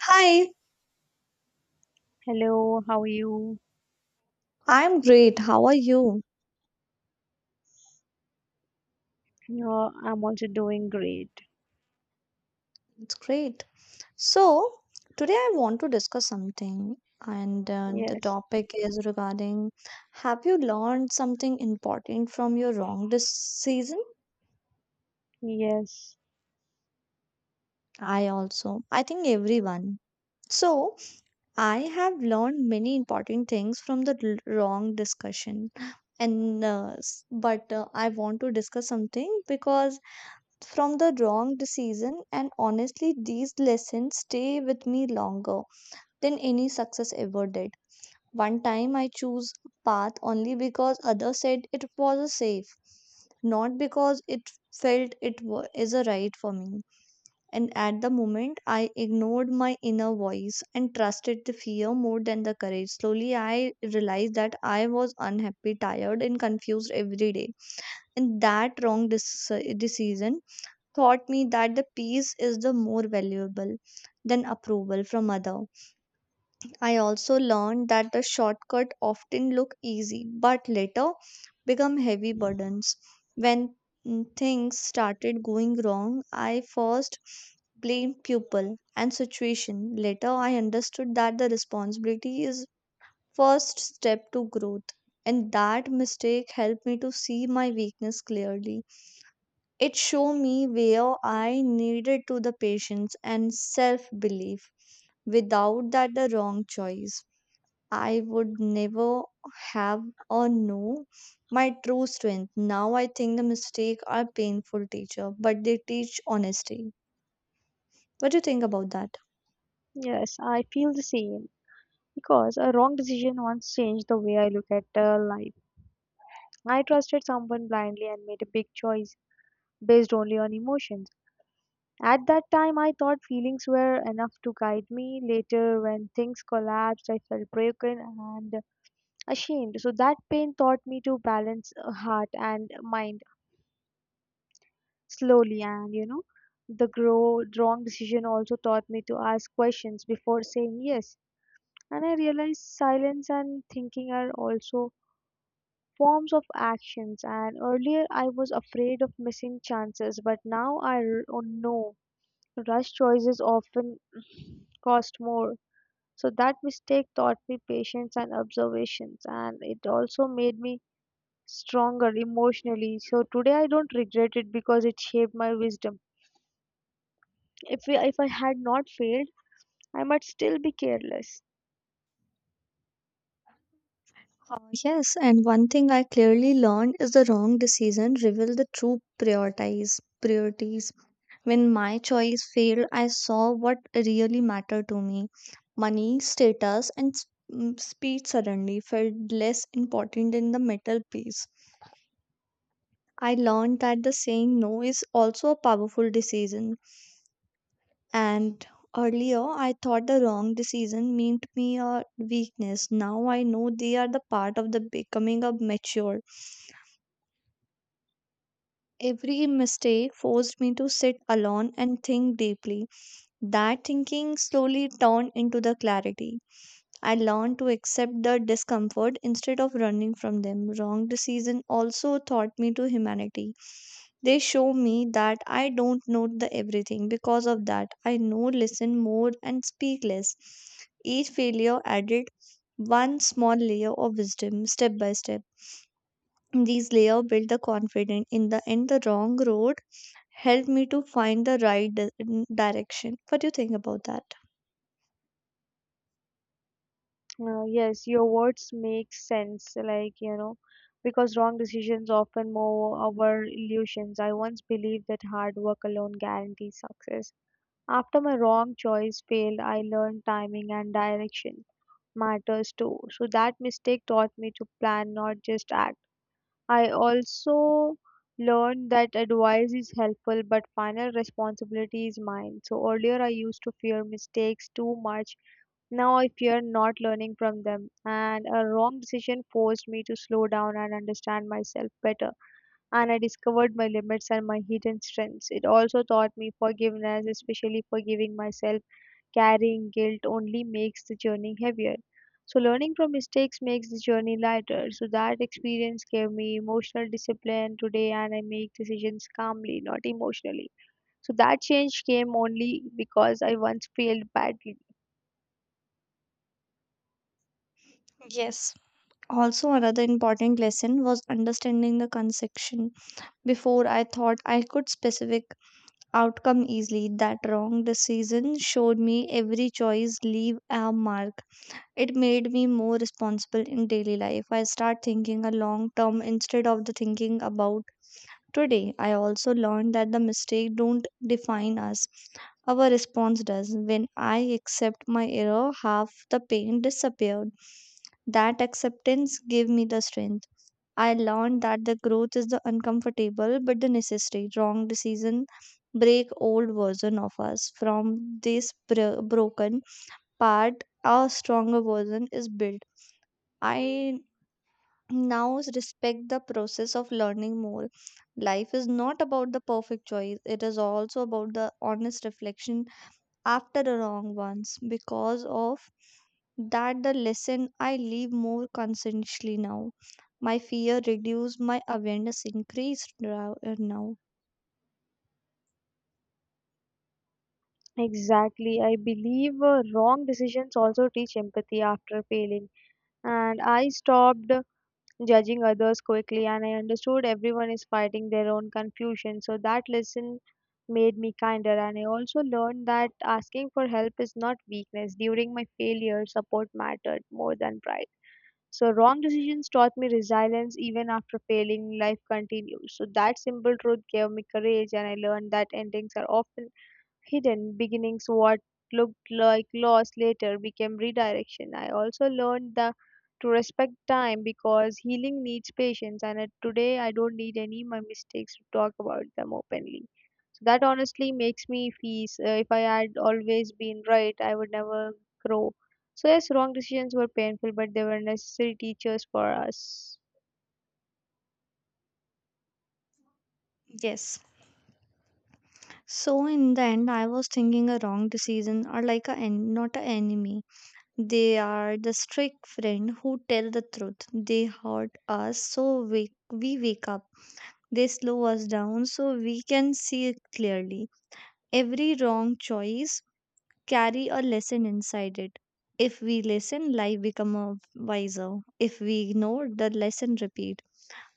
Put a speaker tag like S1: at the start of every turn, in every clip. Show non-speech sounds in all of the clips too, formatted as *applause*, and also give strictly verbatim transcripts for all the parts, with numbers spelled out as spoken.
S1: Hi,
S2: Hello, how are you?
S1: I'm great. How are you?
S2: Uh, I'm also doing great.
S1: It's great. So, today I want to discuss something, and uh, the
S2: Yes,
S1: topic is regarding have you learned something important from your wrong this season?
S2: yes,
S1: I also, I think everyone. So, I have learned many important things from the l- wrong discussion. And uh, s- but uh, I want to discuss something because from the wrong decision, and honestly these lessons stay with me longer than any success ever did. One time I chose a path only because others said it was safe, not because it felt it wa- is a right for me. And at the moment I ignored my inner voice and trusted the fear more than the courage. Slowly I realized that I was unhappy, tired and confused every day, and that wrong dec- decision taught me that the peace is the more valuable than approval from other. I also learned that the shortcut often look easy, but later become heavy burdens. When mm, things started going wrong, I first blamed people and situation. Later I understood that the responsibility is first step to growth, and that mistake helped me to see my weakness clearly. It showed me where I needed to the patience and self belief. Without that, the wrong choice, I would never have or know my true strength. Now I think the mistake are painful teacher, but they teach honesty. What do you think about that?
S2: yes, I feel the same because a wrong decision once changed the way I look at uh, life. I trusted someone blindly and made a big choice based only on emotions. At that time, I thought feelings were enough to guide me. Later, when things collapsed, I felt broken and ashamed. So, that pain taught me to balance uh, heart and mind. Slowly, and you know the grow, wrong decision also taught me to ask questions before saying yes. And I realized silence and thinking are also forms of actions. And earlier I was afraid of missing chances, but now i r- oh, know rush choices often *sighs* *clears throat* cost more. So that mistake taught me patience and observations, and it also made me stronger emotionally. So today I don't regret it, because it shaped my wisdom. If, we, if I had not failed, I might still be careless.
S1: Uh, yes, and one thing I clearly learned is the wrong decision reveal the true priorities. Priorities. When my choice failed, I saw what really mattered to me. Money, status, and s- mm, speed suddenly felt less important than the metal piece. I learned that the saying no is also a powerful decision. And earlier, I thought the wrong decision meant me a weakness. Now I know they are the part of the becoming a mature. Every mistake forced me to sit alone and think deeply. That thinking slowly turned into the clarity. I learned to accept the discomfort instead of running from them. Wrong decision also taught me to humanity. They show me that I don't know the everything. Because of that, I know listen more and speak less. Each failure added one small layer of wisdom, step by step. These layers built the confidence. In the end, the wrong road helped me to find the right di- direction. What do you think about that?
S2: Uh, yes, your words make sense, like, you know, because wrong decisions often mow our illusions. I once believed that hard work alone guarantees success. After my wrong choice failed, I learned timing and direction matters too. So that mistake taught me to plan, not just act. I also learned that advice is helpful, but final responsibility is mine. So earlier I used to fear mistakes too much. Now I fear not learning from them. And a wrong decision forced me to slow down and understand myself better, and I discovered my limits and my hidden strengths. It also taught me forgiveness, especially forgiving myself. Carrying guilt only makes the journey heavier. So, learning from mistakes makes the journey lighter. So, that experience gave me emotional discipline today, and I make decisions calmly, not emotionally. So, that change came only because I once failed badly.
S1: Yes. Also, another important lesson was understanding the consection. Before I thought I could specific outcome easily. That wrong decision showed me every choice leave a mark. It made me more responsible in daily life. I start thinking a long term instead of the thinking about. Today, I also learned that the mistakes don't define us. Our response does. When I accept my error, half the pain disappeared. That acceptance gave me the strength. I learned that the growth is the uncomfortable but the necessary. Wrong decision break old version of us. From this bro- broken part, a stronger version is built. I now is respect the process of learning more. Life is not about the perfect choice, it is also about the honest reflection after the wrong ones. Because of that the lesson, I live more conscientiously now. My fear reduced, my awareness increased ra- uh, now.
S2: Exactly. I believe uh, wrong decisions also teach empathy after failing. And I stopped judging others quickly, and I understood everyone is fighting their own confusion. So that lesson made me kinder, and I also learned that asking for help is not weakness. During my failure, support mattered more than pride. So wrong decisions taught me resilience. Even after failing, life continues. So that simple truth gave me courage, and I learned that endings are often hidden beginnings. What looked like loss later became redirection. I also learned the to respect time, because healing needs patience, and uh, today I don't need any my mistakes to talk about them openly. So that honestly makes me feel uh, if I had always been right, I would never grow. So yes, wrong decisions were painful, but they were necessary teachers for us.
S1: Yes, so in the end I was thinking a wrong decision or like a en- not an enemy. They are the strict friend who tell the truth. They hurt us so we, we wake up. They slow us down so we can see clearly. Every wrong choice carry a lesson inside it. If we listen, life become a wiser. If we ignore, the lesson repeat.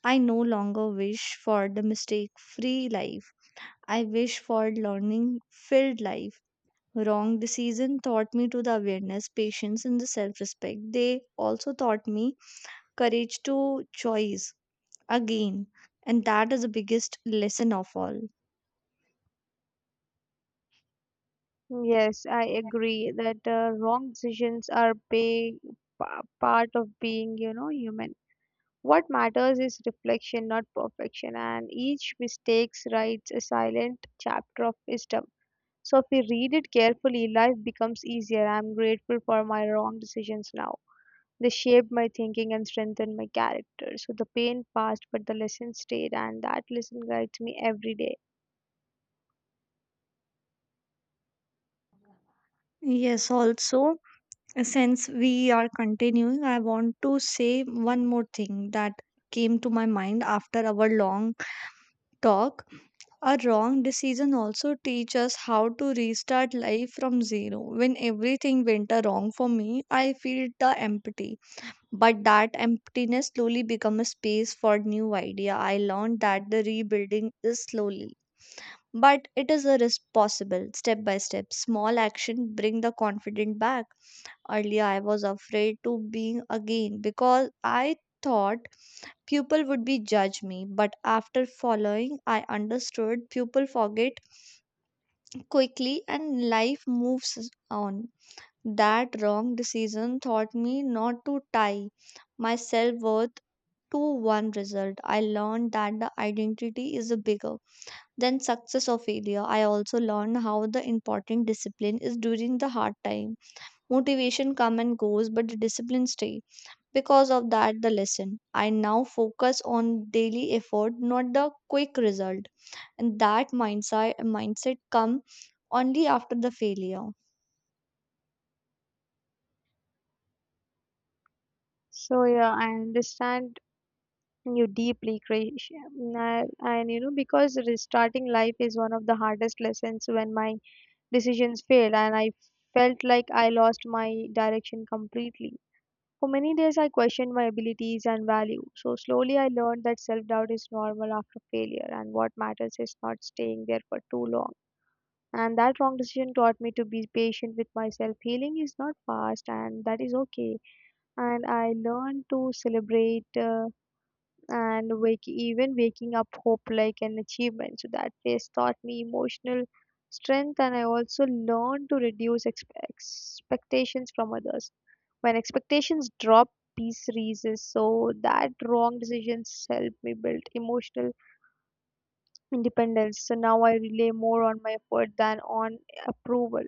S1: I no longer wish for the mistake free life. I wish for learning filled life. Wrong decision taught me to the awareness, patience, and the self respect. They also taught me courage to choice again, and that is the biggest lesson of all.
S2: Yes, I agree that uh, wrong decisions are big pa- part of being, you know, human. What matters is reflection, not perfection, and each mistake writes a silent chapter of wisdom. So, if we read it carefully, life becomes easier. I'm grateful for my wrong decisions now. They shaped my thinking and strengthened my character. So, the pain passed, but the lesson stayed, and that lesson guides me every day.
S1: Yes, also, since we are continuing, I want to say one more thing that came to my mind after our long talk. A wrong decision also teach us how to restart life from zero. When everything went wrong for me, I feel the empty. But that emptiness slowly became a space for new idea. I learned that the rebuilding is slowly, but it is a risk possible, step by step. Small action bring the confident back. Earlier, I was afraid to being again because I thought people would be judge me. But after following, I understood people forget quickly and life moves on. That wrong decision taught me not to tie my self worth to one result. I learned that the identity is bigger than success or failure. I also learned how the important discipline is during the hard time. Motivation come and goes, but the discipline stay. Because of that, the lesson. I now focus on daily effort, not the quick result. And that mindset mindset come only after the failure.
S2: So, yeah, I understand you deeply, Krish. And, I- and you know, because restarting life is one of the hardest lessons. When my decisions failed and I felt like I lost my direction completely. For many days, I questioned my abilities and value. So, slowly, I learned that self doubt is normal after failure, and what matters is not staying there for too long. And that wrong decision taught me to be patient with myself. Healing is not fast, and that is okay. And I learned to celebrate. Uh, and wake, even waking up hope like an achievement. So that phase taught me emotional strength, and I also learned to reduce expe- expectations from others. When expectations drop, peace rises. So that wrong decisions help me build emotional independence. So now I rely more on my effort than on approval.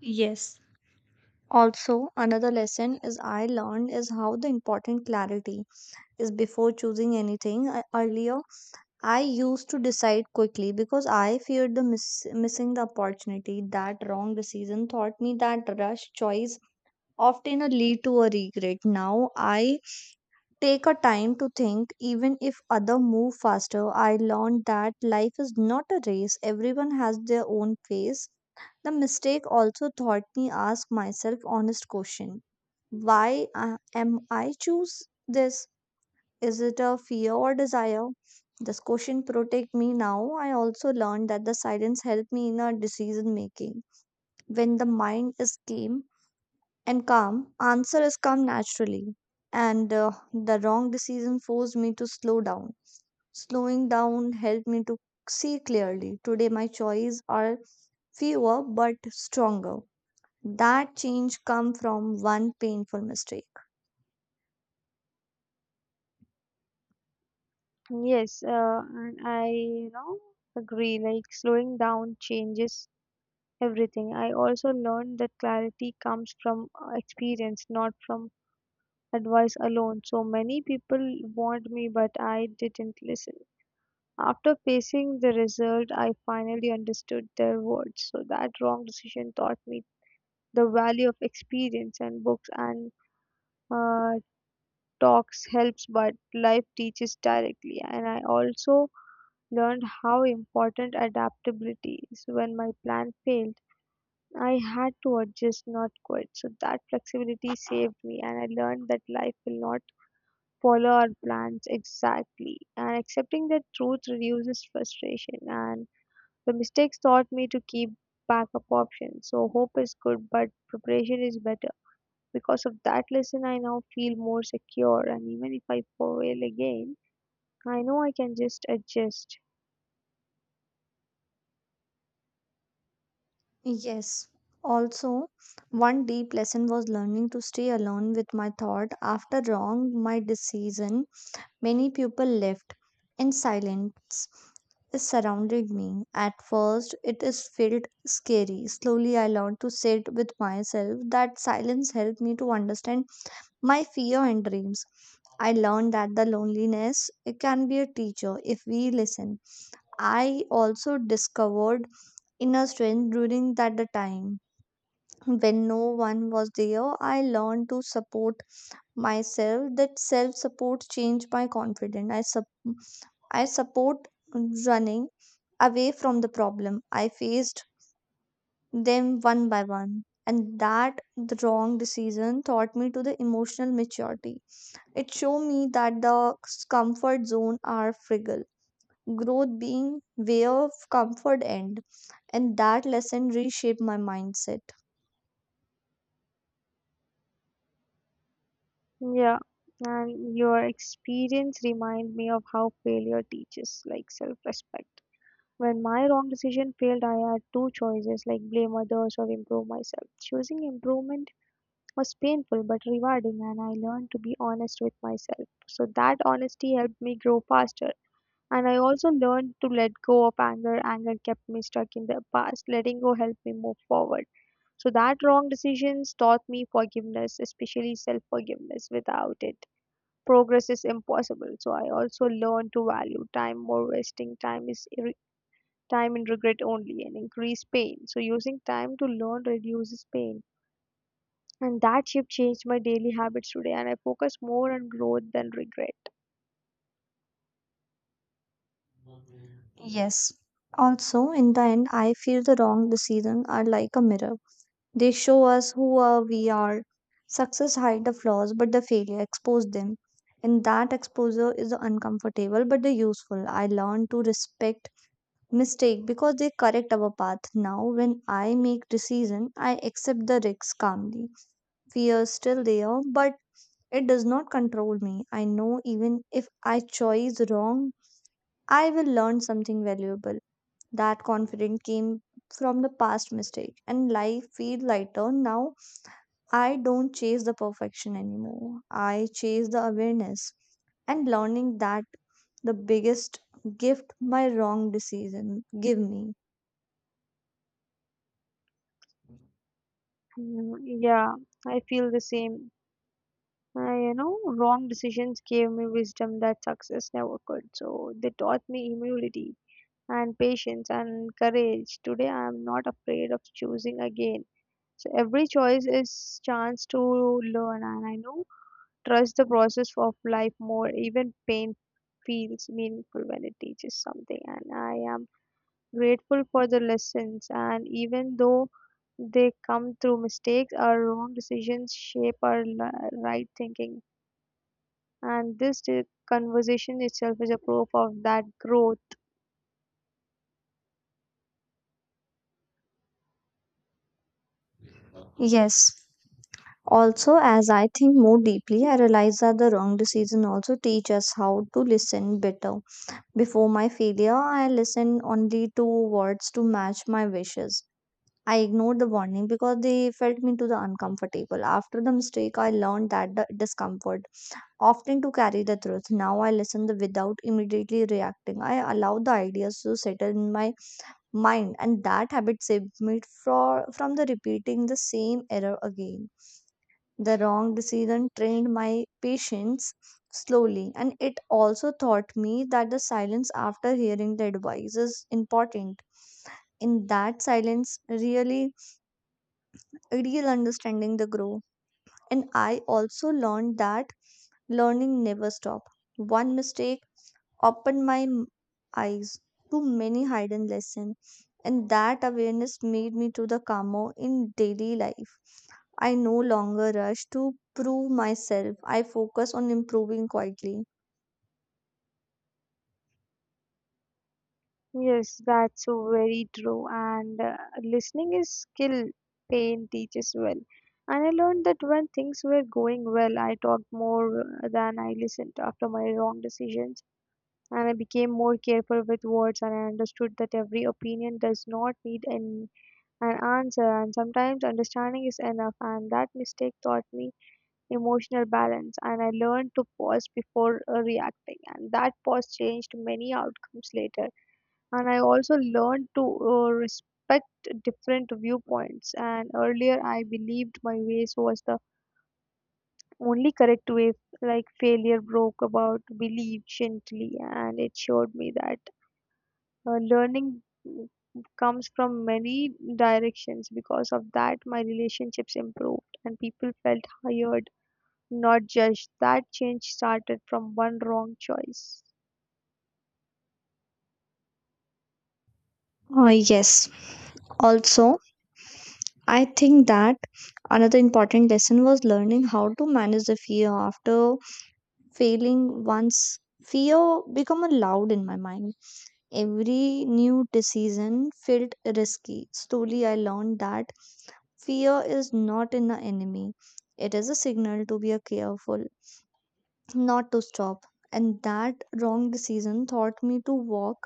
S1: Yes. Also, another lesson is I learned is how the important clarity is before choosing anything. I- Earlier, I used to decide quickly because I feared the miss- missing the opportunity. That wrong decision taught me that rush choice often a lead to a regret. Now I take a time to think even if other move faster. I learned that life is not a race. Everyone has their own pace. The mistake also taught me ask myself honest question. Why uh, am I choose this? Is it a fear or desire? This question protect me now. I also learned that the silence helped me in our decision making. When the mind is calm and calm, answer is come naturally. And uh, the wrong decision forced me to slow down. Slowing down helped me to see clearly. Today my choices are fewer but stronger. That change come from one painful mistake.
S2: Yes, uh, and I you know agree. Like slowing down changes everything. I also learned that clarity comes from uh, experience, not from advice alone. So many people warned me, but I didn't listen. After facing the result, I finally understood their words. So that wrong decision taught me the value of experience. And books and uh, talks helps, but life teaches directly. And I also learned how important adaptability is when my plan failed. I had to adjust, not quit. So that flexibility saved me, and I learned that life will not follow our plans exactly. And accepting that truth reduces frustration, and the mistakes taught me to keep backup options. So hope is good, but preparation is better. Because of that lesson, I now feel more secure, and even if I fail again, I know I can just adjust.
S1: Yes. Also, one deep lesson was learning to stay alone with my thought after wrong my decision. Many people left and silence surrounded me. At first, it is felt scary. Slowly, I learned to sit with myself. That silence helped me to understand my fear and dreams. I learned that the loneliness it can be a teacher if we listen. I also discovered inner strength during that time. When no one was there, I learned to support myself. That self support changed my confidence. i sup- I support running away from the problem. I faced them one by one, and that the wrong decision taught me to the emotional maturity. It showed me that the comfort zone are fragile, growth being way of comfort end, and that lesson reshaped my mindset.
S2: Yeah. And your experience remind me of how failure teaches like self-respect. When my wrong decision failed, I had two choices, like blame others or improve myself. Choosing improvement was painful but rewarding, and I learned to be honest with myself. So that honesty helped me grow faster. And I also learned to let go of anger. Anger kept me stuck in the past. Letting go helped me move forward. So that wrong decisions taught me forgiveness, especially self forgiveness. Without it, progress is impossible. So I also learned to value time more. Wasting time is time and regret only and increase pain. So using time to learn reduces pain. And that shift changed my daily habits today, and I focus more on growth than regret.
S1: Yes. Also, in the end, I feel the wrong decisions are like a mirror. They show us who are we are. Success hide the flaws, but the failure expose them. And that exposure is uncomfortable but the useful. I learn to respect mistake because they correct our path. Now, when I make decision, I accept the risks calmly. Fear is still there, but it does not control me. I know even if I choose wrong, I will learn something valuable. That confidence came from the past mistake and life feel lighter. Now I don't chase the perfection anymore. I chase the awareness and learning. That the biggest gift my wrong decision give me.
S2: Mm, yeah, I feel the same. I, you know, wrong decisions gave me wisdom that success never could. So they taught me humility and patience and courage. Today I am not afraid of choosing again. So every choice is chance to learn, and I know trust the process of life more. Even pain feels meaningful when it teaches something. And I am grateful for the lessons, and even though they come through mistakes, our wrong decisions shape our li- right thinking. And this di- conversation itself is a proof of that growth.
S1: Yes. Also, as I think more deeply, I realize that the wrong decision also teach us how to listen better. Before my failure, I listened only to words to match my wishes. I ignored the warning because they felt me to the uncomfortable. After the mistake, I learned that the discomfort often to carry the truth. Now I listen the without immediately reacting. I allow the ideas to settle in my mind, and that habit saved me for, from the repeating the same error again. The wrong decision trained my patience slowly, and it also taught me that the silence after hearing the advice is important. In that silence, really real understanding the grow. And I also learned that learning never stop. One mistake opened my m- eyes to many hidden lessons, and that awareness made me to the calmer in daily life. I no longer rush to prove myself. I focus on improving quietly.
S2: Yes, that's so very true. And uh, listening is skill pain teaches well. And I learned that when things were going well, I talked more than I listened after my wrong decisions. And I became more careful with words, and I understood that every opinion does not need an, an answer. And sometimes understanding is enough. And that mistake taught me emotional balance. And I learned to pause before uh, reacting. And that pause changed many outcomes later. And I also learned to uh, respect different viewpoints. And earlier I believed my ways was the only correct way. Like failure broke about belief gently, and it showed me that uh, learning mm, comes from many directions. Because of that, my relationships improved and people felt hired, not judged. That change started from one wrong choice.
S1: Uh, yes. Also, I think that another important lesson was learning how to manage the fear. After failing once, fear became loud in my mind. Every new decision felt risky. Slowly, I learned that fear is not an enemy, it is a signal to be careful, not to stop. And that wrong decision taught me to walk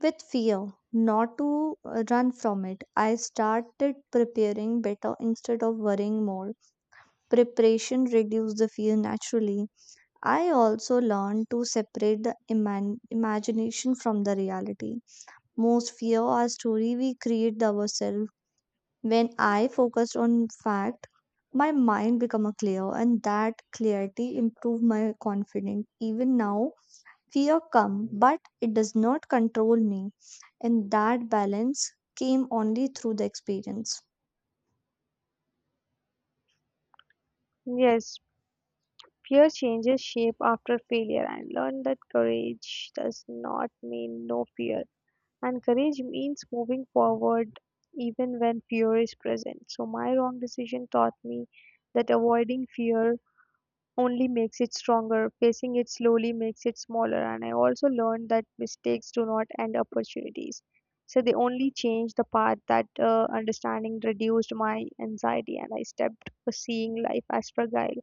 S1: with fear, not to uh, run from it. I started preparing better instead of worrying more. Preparation reduced the fear naturally. I also learned to separate the iman- imagination from the reality. Most fear or story we create ourselves. When I focused on fact, my mind become a clear, and that clarity improved my confidence. Even now, fear come, but it does not control me, and that balance came only through the experience.
S2: Yes. Fear changes shape after failure. I learned that courage does not mean no fear, and courage means moving forward even when fear is present. So, my wrong decision taught me that avoiding fear only makes it stronger. Facing it slowly makes it smaller. And I also learned that mistakes do not end opportunities. So, they only change the path. That uh, understanding reduced my anxiety, and I stepped seeing life as fragile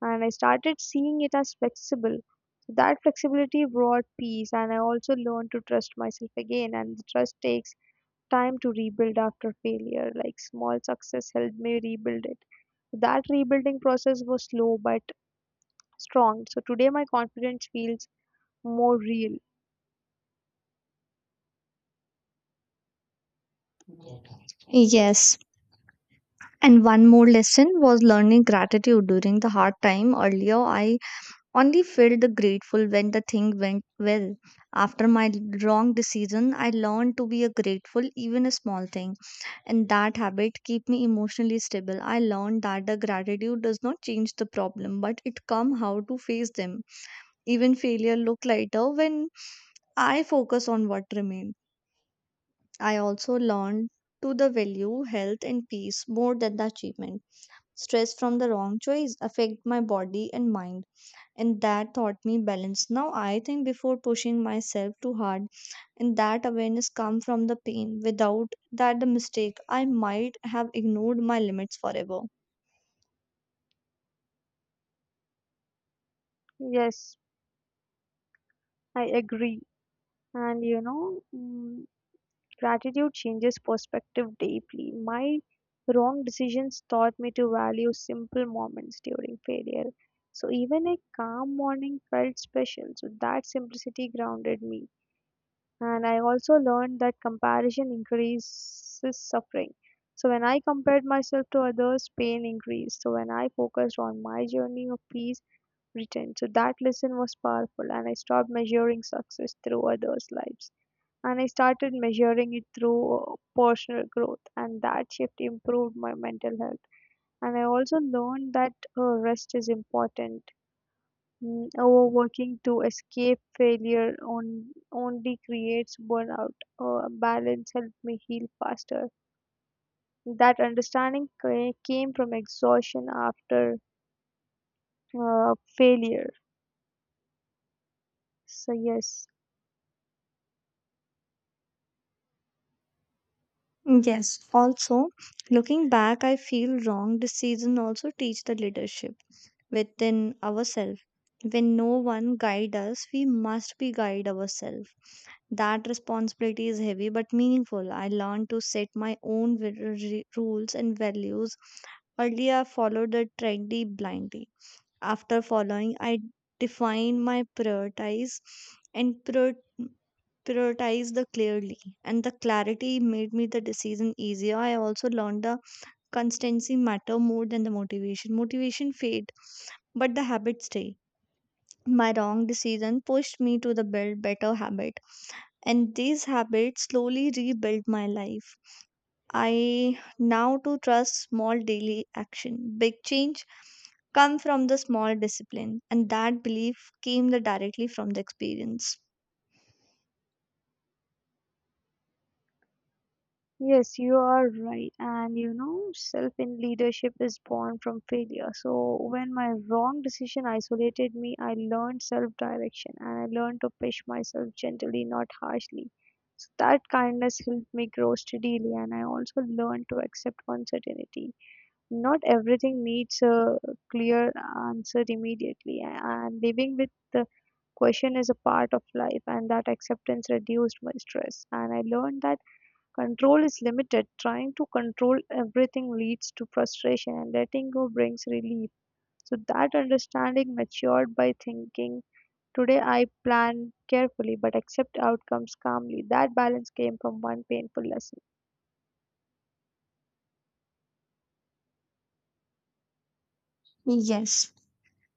S2: and I started seeing it as flexible. So that flexibility brought peace, and I also learned to trust myself again. And the trust takes time to rebuild after failure. Like small success helped me rebuild it. That rebuilding process was slow but strong. So today my confidence feels more real.
S1: Yes. And one more lesson was learning gratitude during the hard time. Earlier, I only felt the grateful when the thing went well. After my wrong decision, I learned to be a grateful even a small thing, and that habit keep me emotionally stable. I learned that the gratitude does not change the problem, but it come how to face them. Even failure look lighter when I focus on what remain. I also learned to the value health and peace more than the achievement. Stress from the wrong choice affect my body and mind, and that taught me balance. Now I think before pushing myself too hard, and that awareness come from the pain. Without that the mistake, I might have ignored my limits forever.
S2: Yes, I agree. And you know, mm, gratitude changes perspective deeply. My wrong decisions taught me to value simple moments during failure. So even a calm morning felt special. So that simplicity grounded me. And I also learned that comparison increases suffering. So when I compared myself to others, pain increased. So when I focused on my journey of peace, returned. So that lesson was powerful, and I stopped measuring success through others' lives. And I started measuring it through uh, personal growth, and that shift improved my mental health. And I also learned that uh, rest is important. Mm, overworking to escape failure on, only creates burnout. Uh, balance helped me heal faster. That understanding ca- came from exhaustion after uh, failure. So, yes.
S1: Yes. Also, looking back, I feel wrong decision also teach the leadership within ourselves. When no one guide us, we must be guide ourselves. That responsibility is heavy but meaningful. I learned to set my own wi- r- rules and values. Earlier, I followed the trendy blindly. After following, I defined my priorities and prior- prioritized the clearly. And the clarity made me the decision easier. I also learned the constancy matter more than the motivation. Motivation fade, but the habits stay. My wrong decision pushed me to the build better habit, and these habits slowly rebuilt my life. I now to trust small daily action. Big change come from the small discipline, and that belief came the directly from the experience.
S2: Yes, you are right. And you know, self in leadership is born from failure. So, when my wrong decision isolated me, I learned self direction, and I learned to push myself gently, not harshly. So, that kindness helped me grow steadily, and I also learned to accept uncertainty. Not everything needs a clear answer immediately, and living with the question is a part of life, and that acceptance reduced my stress. And I learned that control is limited; trying to control everything leads to frustration, and letting go brings relief. So, that understanding matured by thinking, today I plan carefully but accept outcomes calmly. That balance came from one painful lesson.
S1: Yes.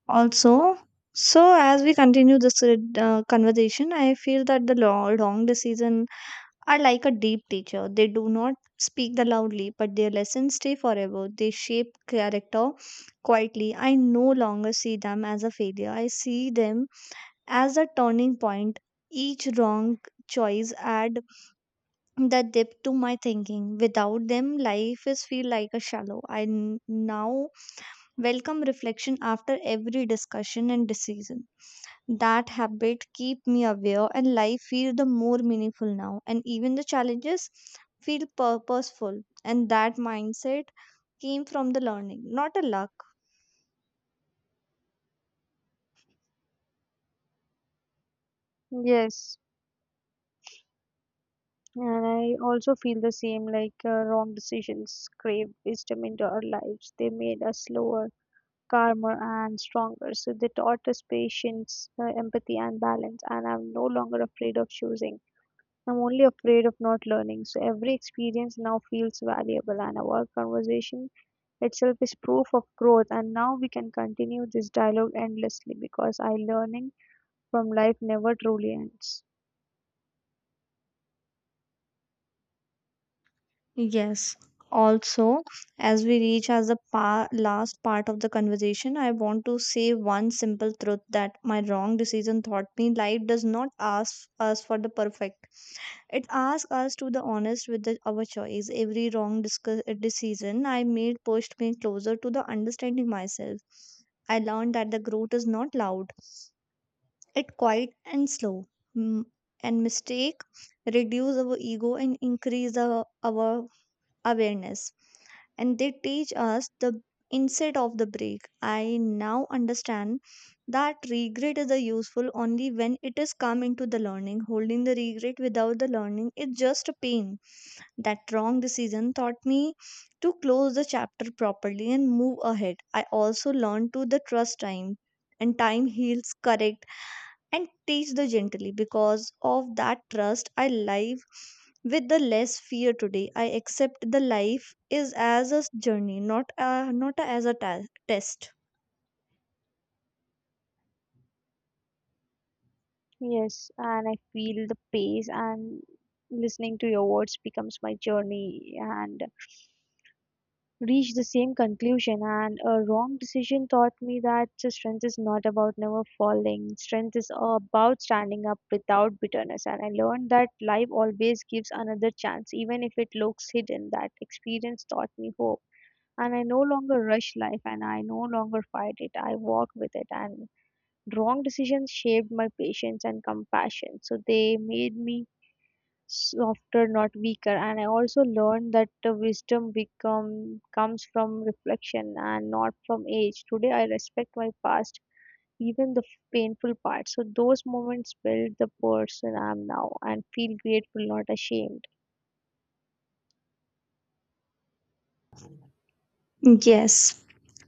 S1: Also, so as we continue this uh, conversation, I feel that the lo- wrong decision are like a deep teacher. They do not speak the loudly, but their lessons stay forever. They shape character quietly. I no longer see them as a failure. I see them as a turning point. Each wrong choice add the depth to my thinking. Without them, life is feel like a shallow. I n- now welcome reflection after every discussion and decision. That habit keep me aware, and life feel the more meaningful now. And even the challenges feel purposeful. And that mindset came from the learning, not a luck.
S2: Yes, and I also feel the same, like uh, wrong decisions craved wisdom into our lives. They made us slower, calmer, and stronger. So they taught us patience, uh, empathy, and balance. And I'm no longer afraid of choosing. I'm only afraid of not learning. So every experience now feels valuable, and our conversation itself is proof of growth. And now we can continue this dialogue endlessly, because I learning from life never truly ends.
S1: Yes. Also, as we reach as the pa- last part of the conversation, I want to say one simple truth that my wrong decision taught me. Life does not ask us for the perfect. It asks us to be honest with the, our choice. Every wrong discu- uh, decision I made pushed me closer to the understanding myself. I learned that the growth is not loud. It quiet and slow. Mm, And mistake reduce our ego and increase our, our awareness, and they teach us the inset of the break. I now understand that regret is a useful only when it is come into the learning. Holding the regret without the learning is just a pain. That wrong decision taught me to close the chapter properly and move ahead. I also learned to the trust time, and time heals correct and teach the gently. Because of that trust, I live with the less fear today. I accept the life is as a journey, not a, not a- as a ta- test.
S2: Yes, and I feel the pace, and listening to your words becomes my journey and reached the same conclusion. And a wrong decision taught me that strength is not about never falling. Strength is about standing up without bitterness. And I learned that life always gives another chance, even if it looks hidden. That experience taught me hope, and I no longer rush life and I no longer fight it. I walk with it. And wrong decisions shaped my patience and compassion, so they made me softer, not weaker. And I also learned that the wisdom become comes from reflection and not from age. Today, I respect my past, even the painful parts. So those moments build the person I am now, and feel grateful, not ashamed.
S1: Yes.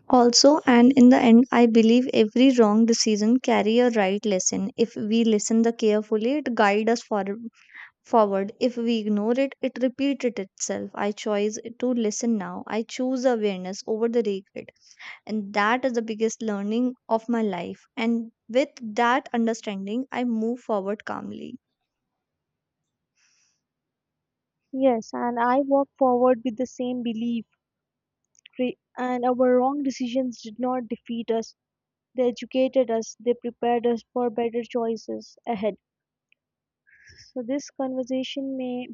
S1: Also, and in the end, I believe every wrong decision carry a right lesson. If we listen the carefully, it guide us for, forward. If we ignore it, it repeated itself. I choose to listen now, I choose awareness over the regret, and that is the biggest learning of my life. And with that understanding, I move forward calmly.
S2: Yes, and I walk forward with the same belief. cre- And our wrong decisions did not defeat us. They educated us. They prepared us for better choices ahead. So this conversation may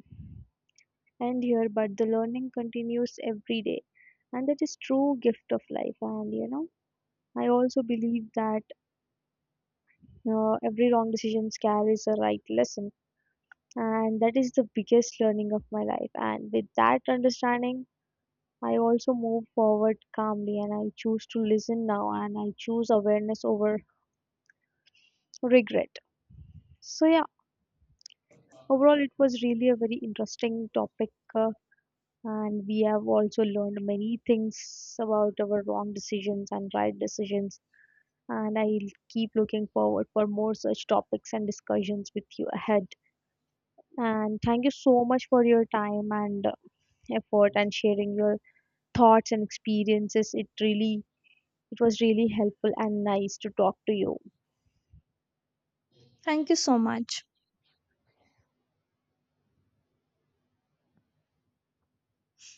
S2: end here, but the learning continues every day. And that is true gift of life. And you know, I also believe that uh, every wrong decision carries a right lesson. And that is the biggest learning of my life. And with that understanding, I also move forward calmly, and I choose to listen now, and I choose awareness over regret. So, yeah, overall, it was really a very interesting topic. Uh, and we have also learned many things about our wrong decisions and right decisions. And I'll keep looking forward for more such topics and discussions with you ahead. And thank you so much for your time and uh, effort, and sharing your thoughts and experiences. It really it was really helpful and nice to talk to you.
S1: Thank you so much.